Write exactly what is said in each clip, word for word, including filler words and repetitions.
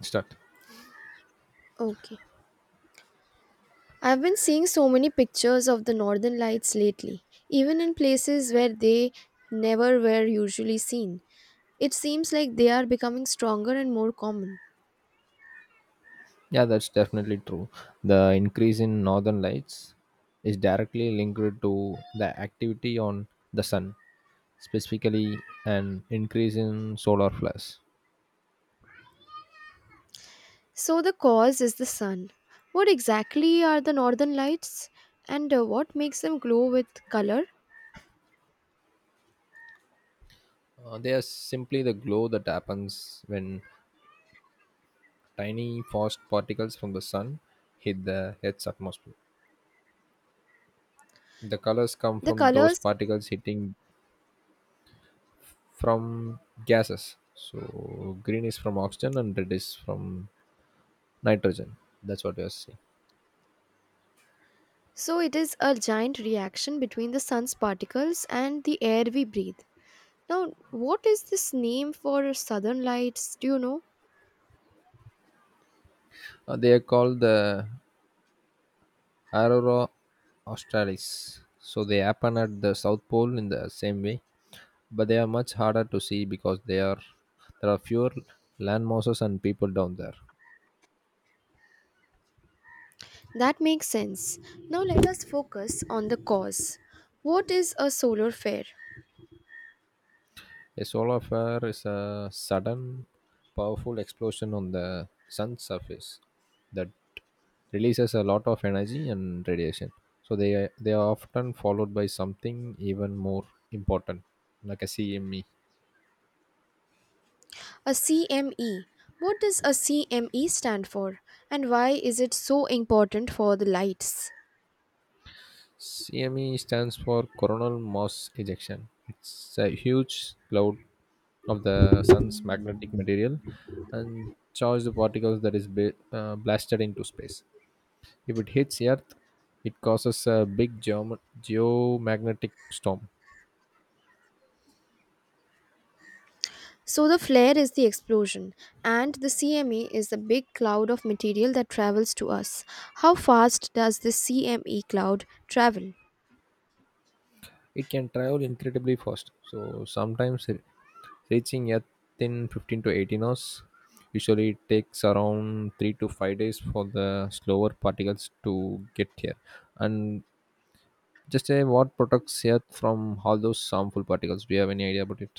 Start. Okay. I've been seeing so many pictures of the northern lights lately, even in places where they never were usually seen. It seems like they are becoming stronger and more common. Yeah, that's definitely true. The increase in northern lights is directly linked to the activity on the sun, specifically an increase in solar flares. So, the cause is the sun. What exactly are the northern lights and uh, what makes them glow with color? Uh, they are simply the glow that happens when tiny fast particles from the sun hit the Earth's atmosphere. The colors come The from those colors, particles hitting from gases. So green is from oxygen and red is from nitrogen. That's what we are seeing. so it is a giant reaction between the sun's particles and the air we breathe. Now, what is this name for southern lights? Do you know? Uh, they are called the aurora australis, so they happen at the south pole in the same way, but they are much harder to see because they are there are fewer land masses and people down there. That makes sense. Now let us focus on the cause. What is a solar flare? A solar flare is a sudden powerful explosion on the sun's surface that releases a lot of energy and radiation, so they are- they are often followed by something even more important, like a cme A C M E. What does a C M E stand for? And why is it so important for the lights? C M E stands for coronal mass ejection. It's a huge cloud of the sun's magnetic material and charged particles that is ba- uh, blasted into space. If it hits Earth, it causes a big geom- geomagnetic storm. So, the flare is the explosion, and the C M E is the big cloud of material that travels to us. How fast does the C M E cloud travel? It can travel incredibly fast, so sometimes re- reaching Earth in fifteen to eighteen hours. Usually, it takes around three to five days for the slower particles to get here. And just say, what protects Earth from all those harmful particles? Do you have any idea about it?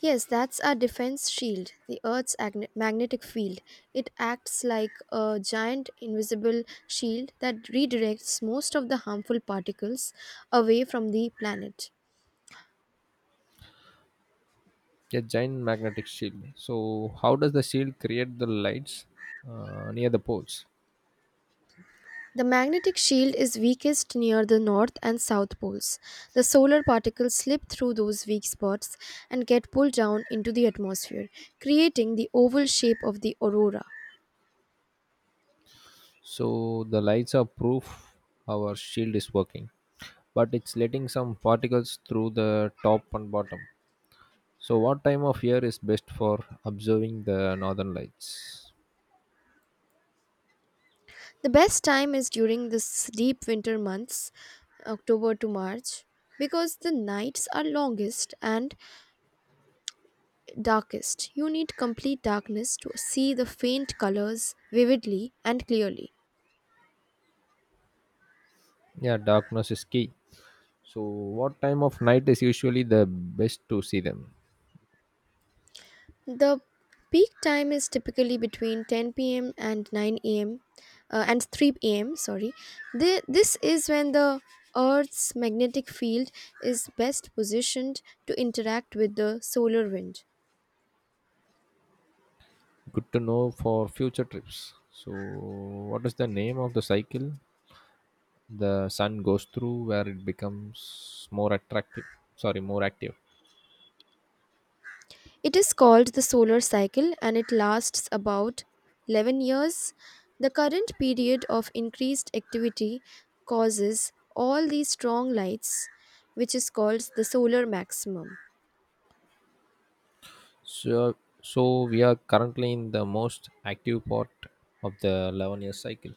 Yes, that's our defense shield, the Earth's agne- magnetic field. It acts like a giant invisible shield that redirects most of the harmful particles away from the planet. A giant magnetic shield. So, how does the shield create the lights uh, near the poles? The magnetic shield is weakest near the north and south poles. The solar particles slip through those weak spots and get pulled down into the atmosphere, creating the oval shape of the aurora. So, the lights are proof our shield is working, but it's letting some particles through the top and bottom. So, what time of year is best for observing the northern lights? The best time is during this deep winter months, October to March, because the nights are longest and darkest. You need complete darkness to see the faint colors vividly and clearly. Yeah, darkness is key. So, what time of night is usually the best to see them? The peak time is typically between ten p m and nine a m uh, and three a m. Sorry, the, this is when the Earth's magnetic field is best positioned to interact with the solar wind. Good to know for future trips. So, what is the name of the cycle the sun goes through where it becomes more attractive? Sorry, more active. It is called the solar cycle and it lasts about eleven years. The current period of increased activity causes all these strong lights, which is called the solar maximum. So, so we are currently in the most active part of the eleven year cycle.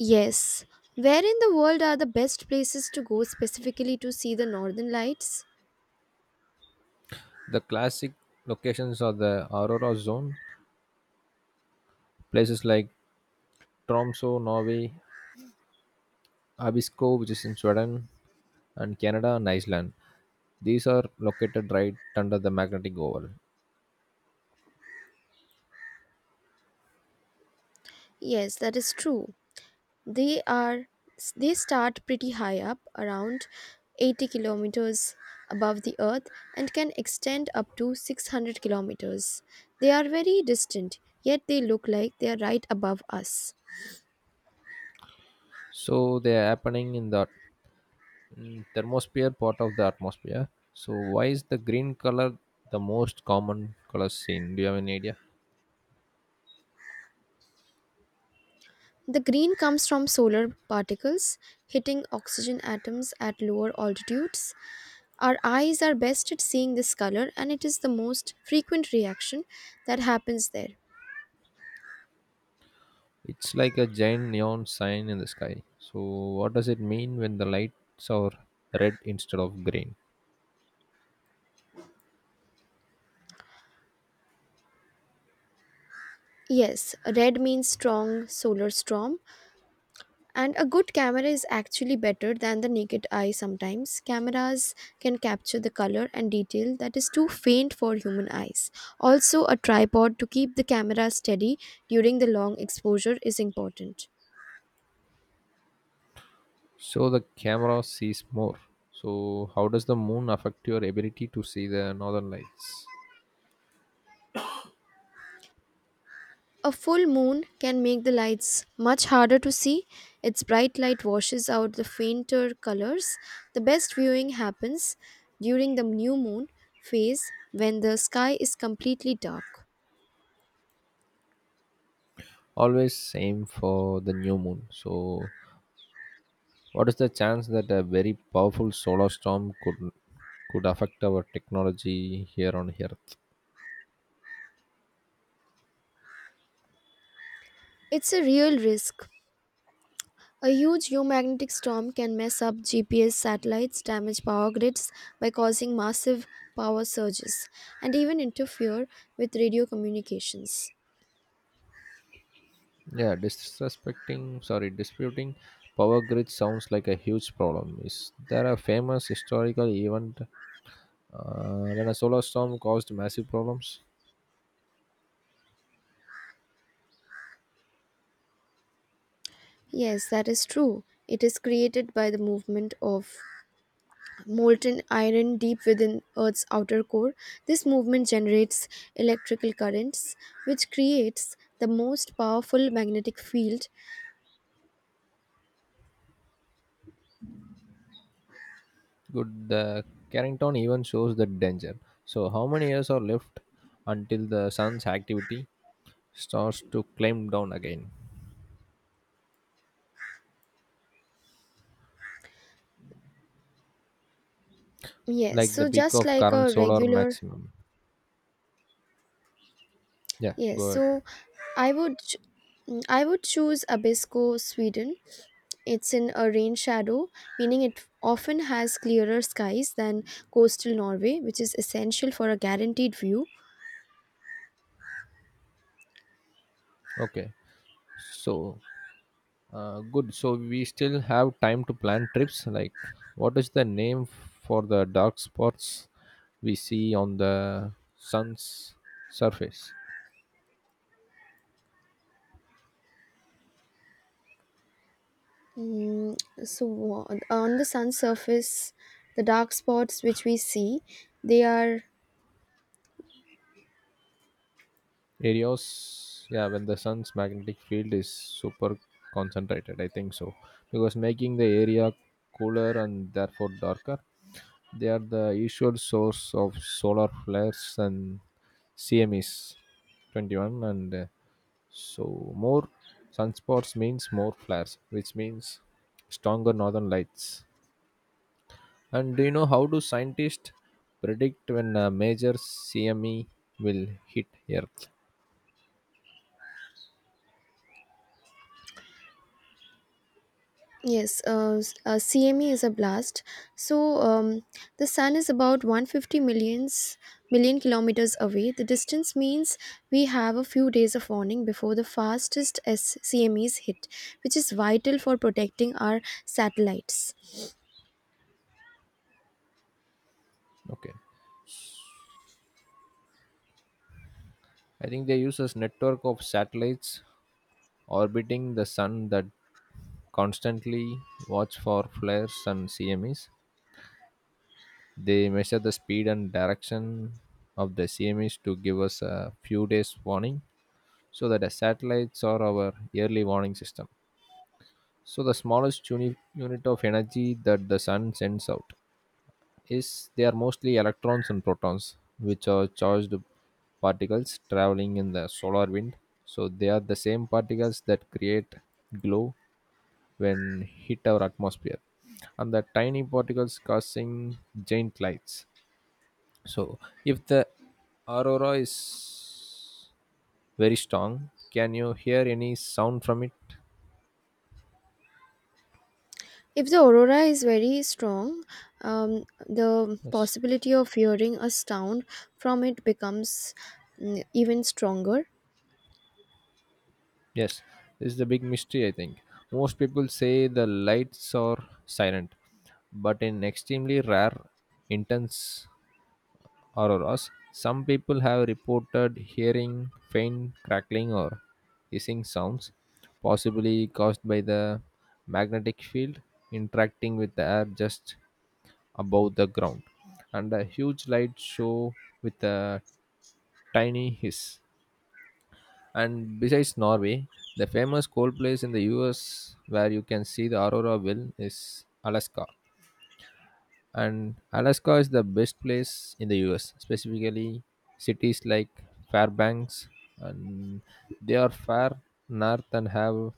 Yes, where in the world are the best places to go specifically to see the northern lights? The classic locations are the Aurora zone, places like Tromsø, Norway; Abisko, which is in Sweden; and Canada and Iceland. These are located right under the magnetic oval. Yes, that is true. They are they start pretty high up, around eighty kilometers above the earth and can extend up to six hundred kilometers. They are very distant, yet they look like they are right above us. So they are happening in the Mm, thermosphere part of the atmosphere. So why is the green color the most common color seen? Do you have any idea? The green comes from solar particles hitting oxygen atoms at lower altitudes. Our eyes are best at seeing this color, and it is the most frequent reaction that happens there. It's like a giant neon sign in the sky. So what does it mean when the lights are red instead of green? Yes, red means strong solar storm, and a good camera is actually better than the naked eye sometimes. Cameras can capture the color and detail that is too faint for human eyes. Also, a tripod to keep the camera steady during the long exposure is important. So the camera sees more. So how does the moon affect your ability to see the northern lights? A full moon can make the lights much harder to see. Its bright light washes out the fainter colors. The best viewing happens during the new moon phase when the sky is completely dark. Always same for the new moon. So what is the chance that a very powerful solar storm could could affect our technology here on here? It's a real risk. A huge geomagnetic storm can mess up G P S satellites, damage power grids by causing massive power surges, and even interfere with radio communications. Yeah, disrespecting, sorry, disputing power grid sounds like a huge problem. Is there a famous historical event uh, when a solar storm caused massive problems? Yes, that is true. It is created by the movement of molten iron deep within Earth's outer core. This movement generates electrical currents, which creates the most powerful magnetic field. Good, the Carrington even shows the danger. So, how many years are left until the sun's activity starts to climb down again, Yes, like the so peak just of like current a solar regular maximum? Yeah, Yes, go ahead. so I would ch- mm, I would choose Abisko, Sweden. It's in a rain shadow, meaning it often has clearer skies than coastal Norway, which is essential for a guaranteed view. Okay, so Uh, good. So we still have time to plan trips. Like, what is the name for the dark spots we see on the sun's surface? Mm, so on on the sun's surface, the dark spots which we see, they are Areas, yeah, when the sun's magnetic field is super concentrated. I think so. Because making the area cooler and therefore darker, they are the usual source of solar flares and C M Es, twenty-one, and uh, So more sunspots means more flares, which means stronger northern lights. And do you know how do scientists predict when a major C M E will hit Earth? Yes, uh, s- uh, C M E is a blast. So um, the sun is about one hundred fifty millions million kilometers away. The distance means we have a few days of warning before the fastest S- C M Es hit, which is vital for protecting our satellites. Okay, I think they use a network of satellites orbiting the sun that constantly watch for flares and C M Es. They measure the speed and direction of the C M Es to give us a few days warning, so that the satellites are our early warning system. So the smallest uni- unit of energy that the sun sends out is, they are mostly electrons and protons, which are charged particles traveling in the solar wind. So they are the same particles that create glow when hit our atmosphere, and the tiny particles causing giant lights. So if the aurora is very strong, can you hear any sound from it? If the aurora is very strong, um, the Yes. possibility of hearing a sound from it becomes mm, even stronger. Yes. This is the big mystery, I think. Most people say the lights are silent, but in extremely rare intense auroras, some people have reported hearing faint crackling or hissing sounds, possibly caused by the magnetic field interacting with the air just above the ground, and a huge light show with a tiny hiss. And besides Norway, the famous cold place in the U S where you can see the Aurora Will is Alaska. And Alaska is the best place in the U S, specifically cities like Fairbanks, and they are far north and have,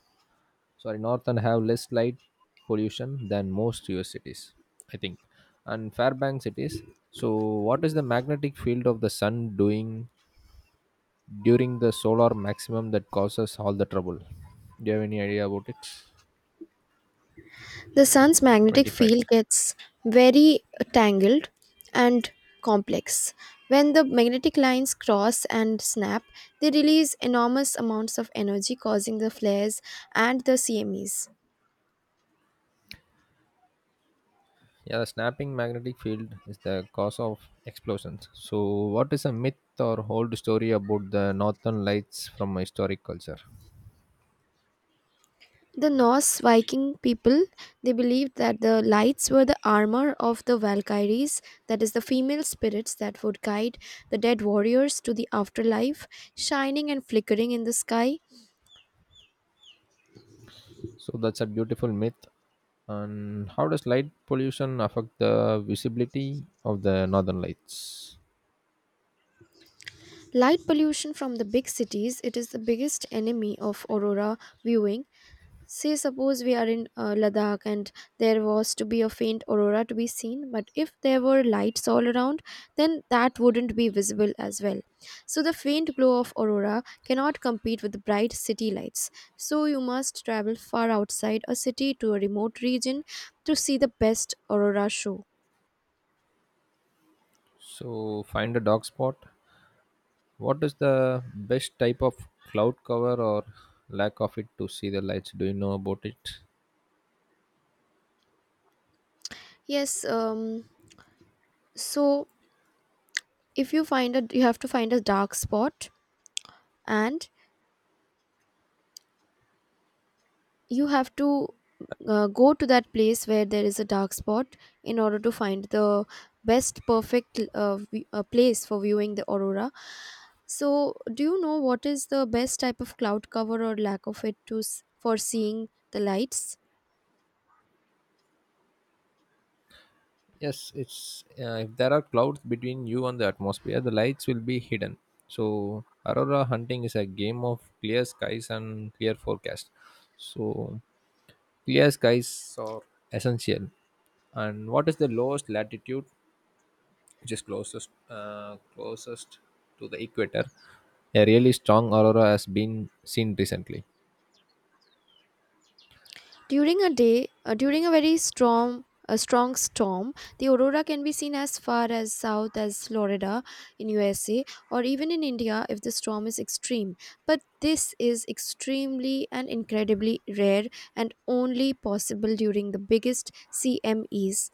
sorry, northern have less light pollution than most U S cities, I think. And Fairbanks it is. So what is the magnetic field of the sun doing during the solar maximum that causes all the trouble? Do you have any idea about it? The sun's magnetic twenty-five. field gets very tangled and complex. When the magnetic lines cross and snap, they release enormous amounts of energy, causing the flares and the C M Es. Yeah, the snapping magnetic field is the cause of explosions. So what is a myth or old story about the northern lights from historic culture? The Norse Viking people they believed that the lights were the armor of the Valkyries, that is the female spirits that would guide the dead warriors to the afterlife, shining and flickering in the sky. So that's a beautiful myth. And how does light pollution affect the visibility of the northern lights? Light pollution from the big cities, it is the biggest enemy of aurora viewing. Say suppose we are in uh, Ladakh and there was to be a faint aurora to be seen, but if there were lights all around, then that wouldn't be visible as well. So the faint glow of aurora cannot compete with the bright city lights. So you must travel far outside a city to a remote region to see the best aurora show. So, find a dark spot. What is the best type of cloud cover or lack of it to see the lights? Do you know about it? Yes, um so if you find a you have to find a dark spot and you have to uh, go to that place where there is a dark spot in order to find the best perfect uh, vi- uh, place for viewing the aurora. So do you know what is the best type of cloud cover or lack of it to s- for seeing the lights? Yes, it's, uh, if there are clouds between you and the atmosphere, the lights will be hidden. So, aurora hunting is a game of clear skies and clear forecast. So, clear skies are essential. And what is the lowest latitude, which is closest, uh, closest to the equator. A really strong aurora has been seen recently. During a day, uh, during a very strong a strong storm, the aurora can be seen as far as south as Florida in U S A or even in India if the storm is extreme. But this is extremely and incredibly rare and only possible during the biggest C M Es.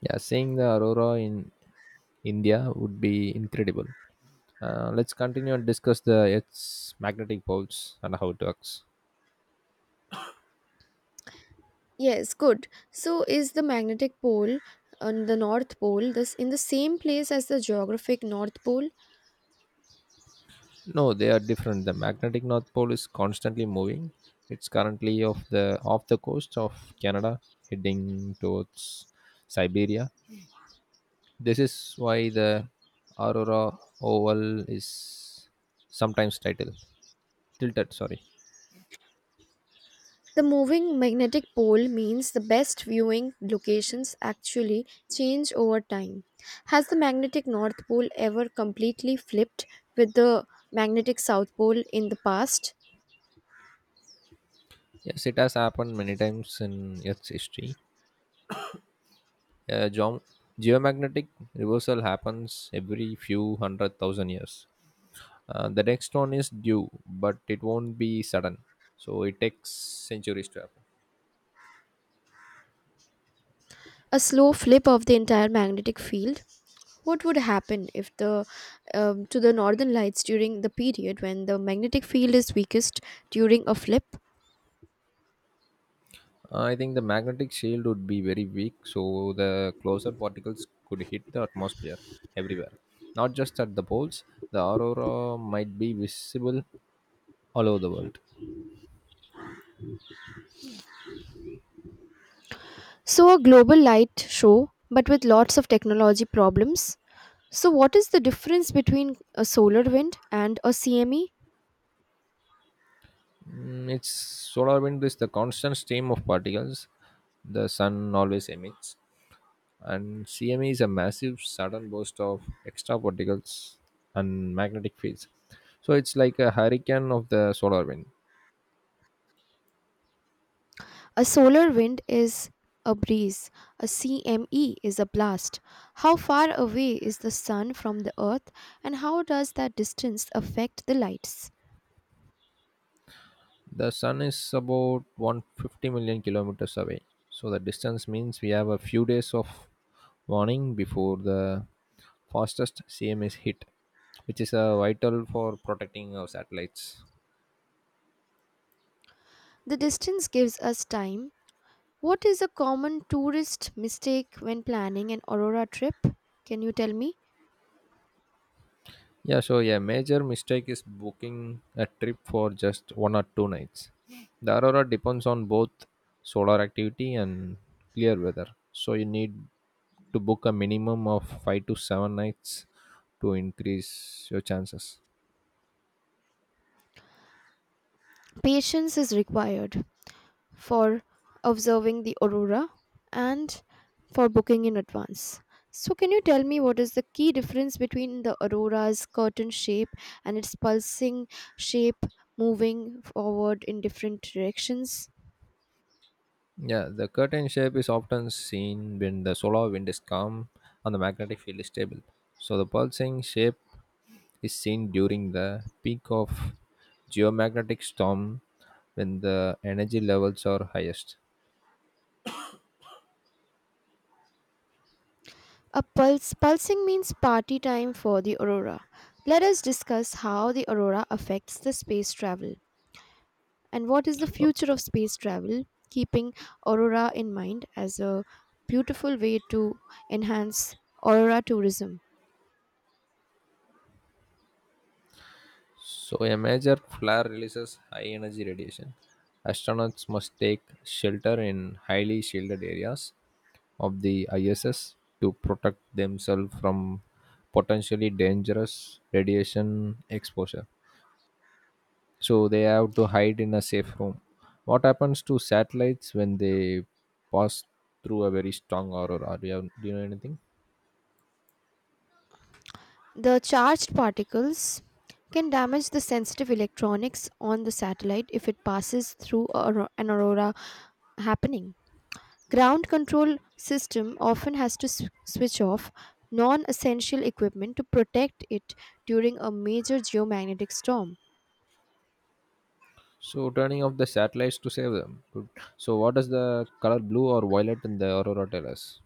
Yeah, seeing the aurora in India would be incredible. Uh, let's continue and discuss the Earth's magnetic poles and how it works. Yes, good. So is the magnetic pole on the north pole this in the same place as the geographic north pole? No, they are different. The magnetic north pole is constantly moving. It's currently off the off the coast of Canada, heading towards Siberia. This is why the Aurora Oval is sometimes titled tilted. Sorry. The moving magnetic pole means the best viewing locations actually change over time. Has the magnetic North Pole ever completely flipped with the magnetic South Pole in the past? Yes, it has happened many times in Earth's history. Uh, geom- geomagnetic reversal happens every few hundred thousand years. Uh, the next one is due, but it won't be sudden. So it takes centuries to happen. A slow flip of the entire magnetic field? What would happen if the um, to the northern lights during the period when the magnetic field is weakest during a flip? Uh, I think the magnetic shield would be very weak, so the closer particles could hit the atmosphere everywhere, not just at the poles. The aurora might be visible all over the world. So a global light show but with lots of technology problems? So, what is the difference between a solar wind and a C M E? Mm, its solar wind is the constant stream of particles the sun always emits, and C M E is a massive sudden burst of extra particles and magnetic fields. So it's like a hurricane of the solar wind. A solar wind is a breeze, a C M E is a blast. How far away is the sun from the earth, and how does that distance affect the lights? The sun is about one hundred fifty million kilometers away. So the distance means we have a few days of warning before the fastest C M S hit, which is uh, vital for protecting our satellites. The distance gives us time. What is a common tourist mistake when planning an aurora trip? Can you tell me? Yeah, so yeah, major mistake is booking a trip for just one or two nights. The aurora depends on both solar activity and clear weather. So you need to book a minimum of five to seven nights to increase your chances. Patience is required for observing the aurora and for booking in advance. So, can you tell me what is the key difference between the aurora's curtain shape and its pulsing shape moving forward in different directions? Yeah, the curtain shape is often seen when the solar wind is calm and the magnetic field is stable. So the pulsing shape is seen during the peak of geomagnetic storm when the energy levels are highest. A pulse pulsing means party time for the aurora. Let us discuss how the aurora affects the space travel. And what is the future of space travel? Keeping Aurora in mind as a beautiful way to enhance Aurora tourism. So a major flare releases high energy radiation. Astronauts must take shelter in highly shielded areas of the I S S to protect themselves from potentially dangerous radiation exposure. So they have to hide in a safe room. What happens to satellites when they pass through a very strong aurora? Do you, have, do you know anything? The charged particles can damage the sensitive electronics on the satellite if it passes through auro- an aurora happening. Ground control system often has to sw- switch off non-essential equipment to protect it during a major geomagnetic storm. So turning off the satellites to save them. Good. So what does the color blue or violet in the aurora tell us?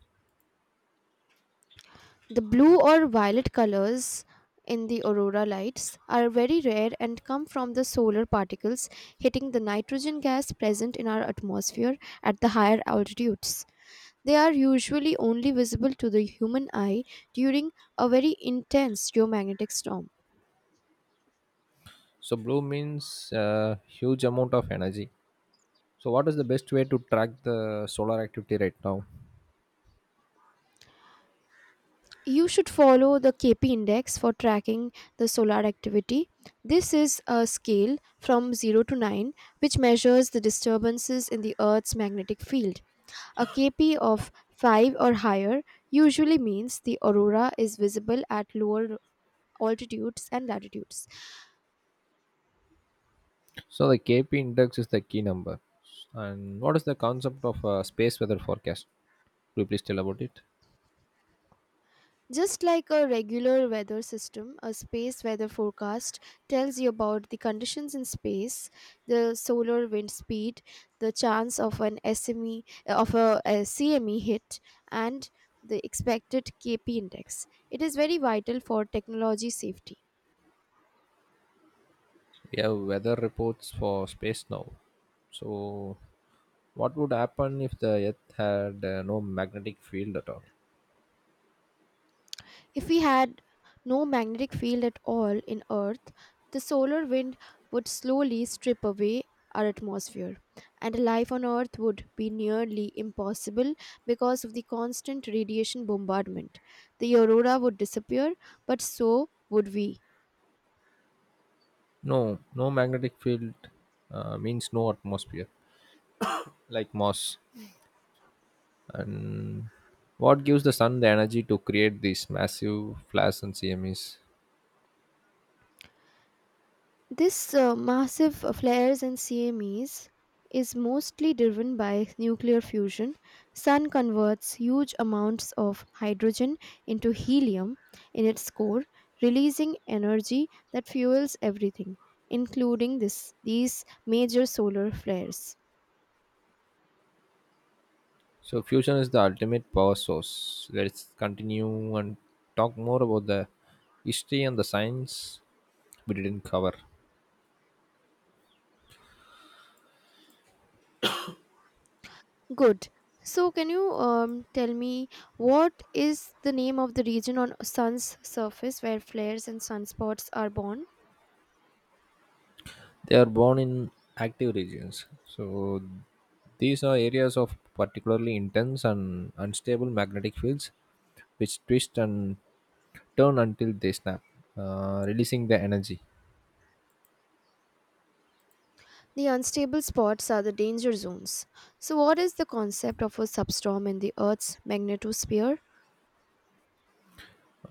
The blue or violet colors in the aurora lights are very rare and come from the solar particles hitting the nitrogen gas present in our atmosphere at the higher altitudes. They are usually only visible to the human eye during a very intense geomagnetic storm. So blue means uh, huge amount of energy. So what is the best way to track the solar activity right now? You should follow the K P index for tracking the solar activity. This is a scale from zero to nine which measures the disturbances in the Earth's magnetic field. A K P of five or higher usually means the aurora is visible at lower altitudes and latitudes. So the K P index is the key number. And what is the concept of uh, space weather forecast? Could you please tell about it? Just like a regular weather system, a space weather forecast tells you about the conditions in space, the solar wind speed, the chance of an S M E of a, C M E hit and the expected K P index. It is very vital for technology safety. We have weather reports for space now. So what would happen if the earth had uh, no magnetic field at all? If we had no magnetic field at all in Earth, the solar wind would slowly strip away our atmosphere, and life on Earth would be nearly impossible because of the constant radiation bombardment. The aurora would disappear, but so would we. No no magnetic field uh, means no atmosphere, like Mars. What gives the sun the energy to create these massive flares and C M Es? This uh, massive uh, flares and C M Es is mostly driven by nuclear fusion. Sun converts huge amounts of hydrogen into helium in its core, releasing energy that fuels everything, including this these major solar flares. So fusion is the ultimate power source. Let's continue and talk more about the history and the science we didn't cover. Good. So, can you um, tell me what is the name of the region on Sun's surface where flares and sunspots are born? They are born in active regions. So these are areas of particularly intense and unstable magnetic fields, which twist and turn until they snap, uh, releasing the energy. The unstable spots are the danger zones. So, what is the concept of a substorm in the Earth's magnetosphere?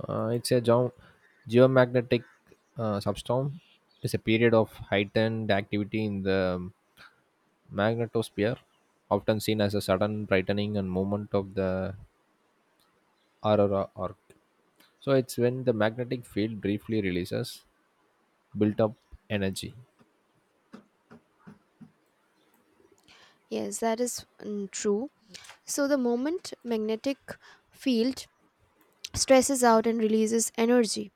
Uh, it's a geo- geomagnetic uh, substorm. It's a period of heightened activity in the magnetosphere, often seen as a sudden brightening and movement of the aurora arc. So it's when the magnetic field briefly releases built up energy. Yes, that is mm, true. So, the moment magnetic field stresses out and releases energy.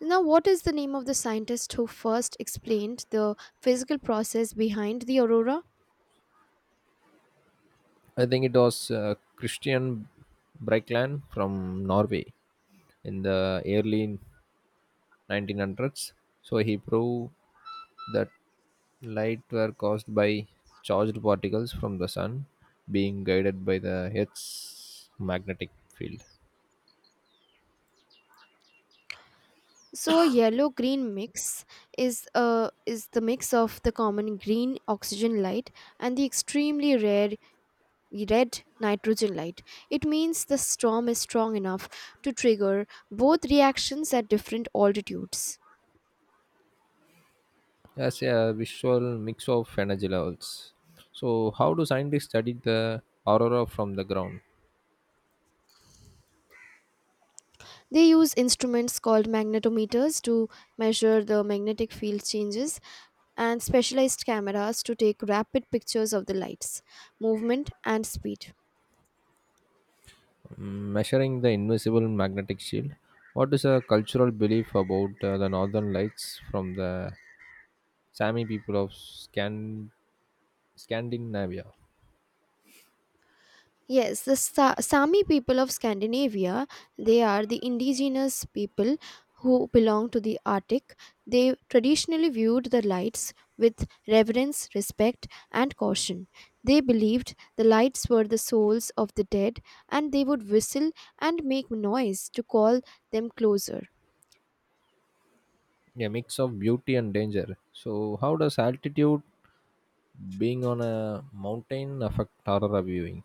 Now, what is the name of the scientist who first explained the physical process behind the aurora? I think it was uh, Christian Breikland from Norway in the early nineteen hundreds. So he proved that light were caused by charged particles from the sun being guided by the Earth's magnetic field. So, a yellow-green mix is uh, is the mix of the common green oxygen light and the extremely rare red nitrogen light. It means the storm is strong enough to trigger both reactions at different altitudes. As a visual mix of energy levels. So, how do scientists study the aurora from the ground? They use instruments called magnetometers to measure the magnetic field changes and specialized cameras to take rapid pictures of the lights, movement, and speed. Mm, Measuring the invisible magnetic shield. What is a cultural belief about uh, the northern lights from the Sami people of Scan- Scandinavia? Yes, the Sa- Sami people of Scandinavia, they are the indigenous people who belong to the Arctic. They traditionally viewed the lights with reverence, respect, and caution. They believed the lights were the souls of the dead and they would whistle and make noise to call them closer. A mix of beauty and danger. So, how does altitude, being on a mountain, affect aurora viewing?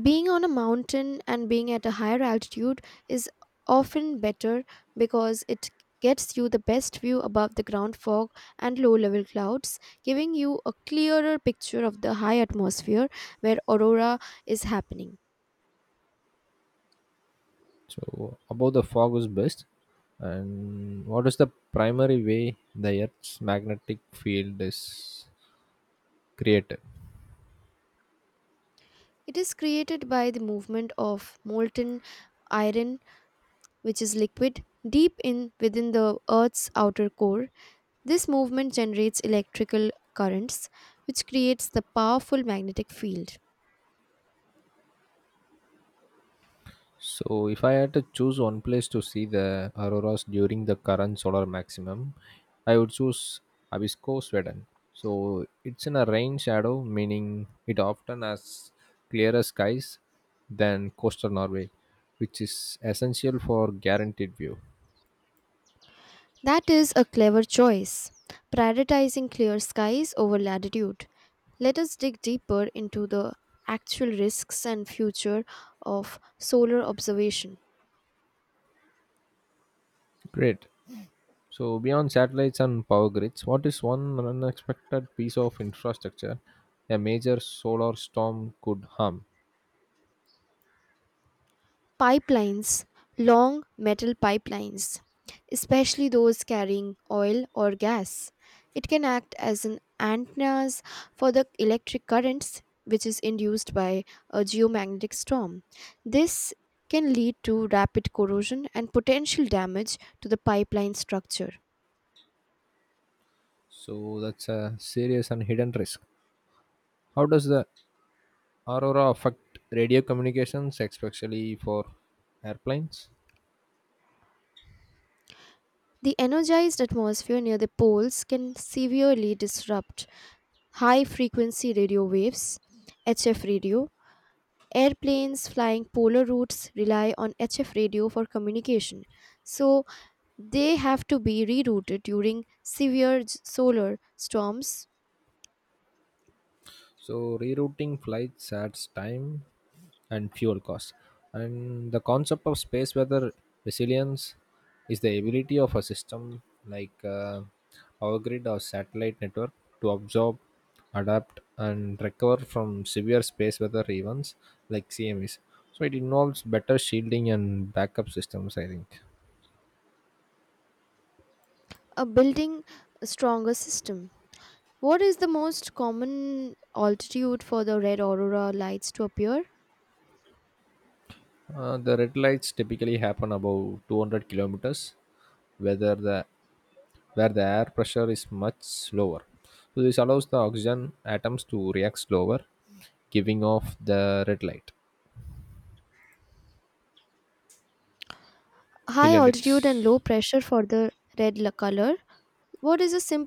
Being on a mountain and being at a higher altitude is often better because it gets you the best view above the ground fog and low level clouds, giving you a clearer picture of the high atmosphere where aurora is happening. So, above the fog is best. And what is the primary way the Earth's magnetic field is created? It is created by the movement of molten iron, which is liquid, deep in within the Earth's outer core. This movement generates electrical currents, which creates the powerful magnetic field. So, if I had to choose one place to see the auroras during the current solar maximum, I would choose Abisko, Sweden. So, it's in a rain shadow, meaning it often has clearer skies than coastal Norway, which is essential for guaranteed view. That is a clever choice, prioritizing clear skies over latitude. Let us dig deeper into the actual risks and future of solar observation. Great. So, beyond satellites and power grids, what is one unexpected piece of infrastructure a major solar storm could harm? Pipelines, long metal pipelines, especially those carrying oil or gas. It can act as an antennas for the electric currents which is induced by a geomagnetic storm. This can lead to rapid corrosion and potential damage to the pipeline structure. So, that's a serious and hidden risk. How does the Aurora affect radio communications, especially for airplanes? The energized atmosphere near the poles can severely disrupt high frequency radio waves, H F radio, airplanes flying polar routes rely on H F radio for communication, so they have to be rerouted during severe s- solar storms, So rerouting flights adds time and fuel costs. And the concept of space weather resilience is the ability of a system like uh, power grid or satellite network to absorb, adapt, and recover from severe space weather events like C M Es. So it involves better shielding and backup systems, I think. uh, building a stronger system. What is the most common altitude for the red aurora lights to appear? Uh, the red lights typically happen about two hundred kilometers, whether the where the air pressure is much lower. So this allows the oxygen atoms to react slower, giving off the red light. You'll High end it. altitude and low pressure for the red la- color. What is a simple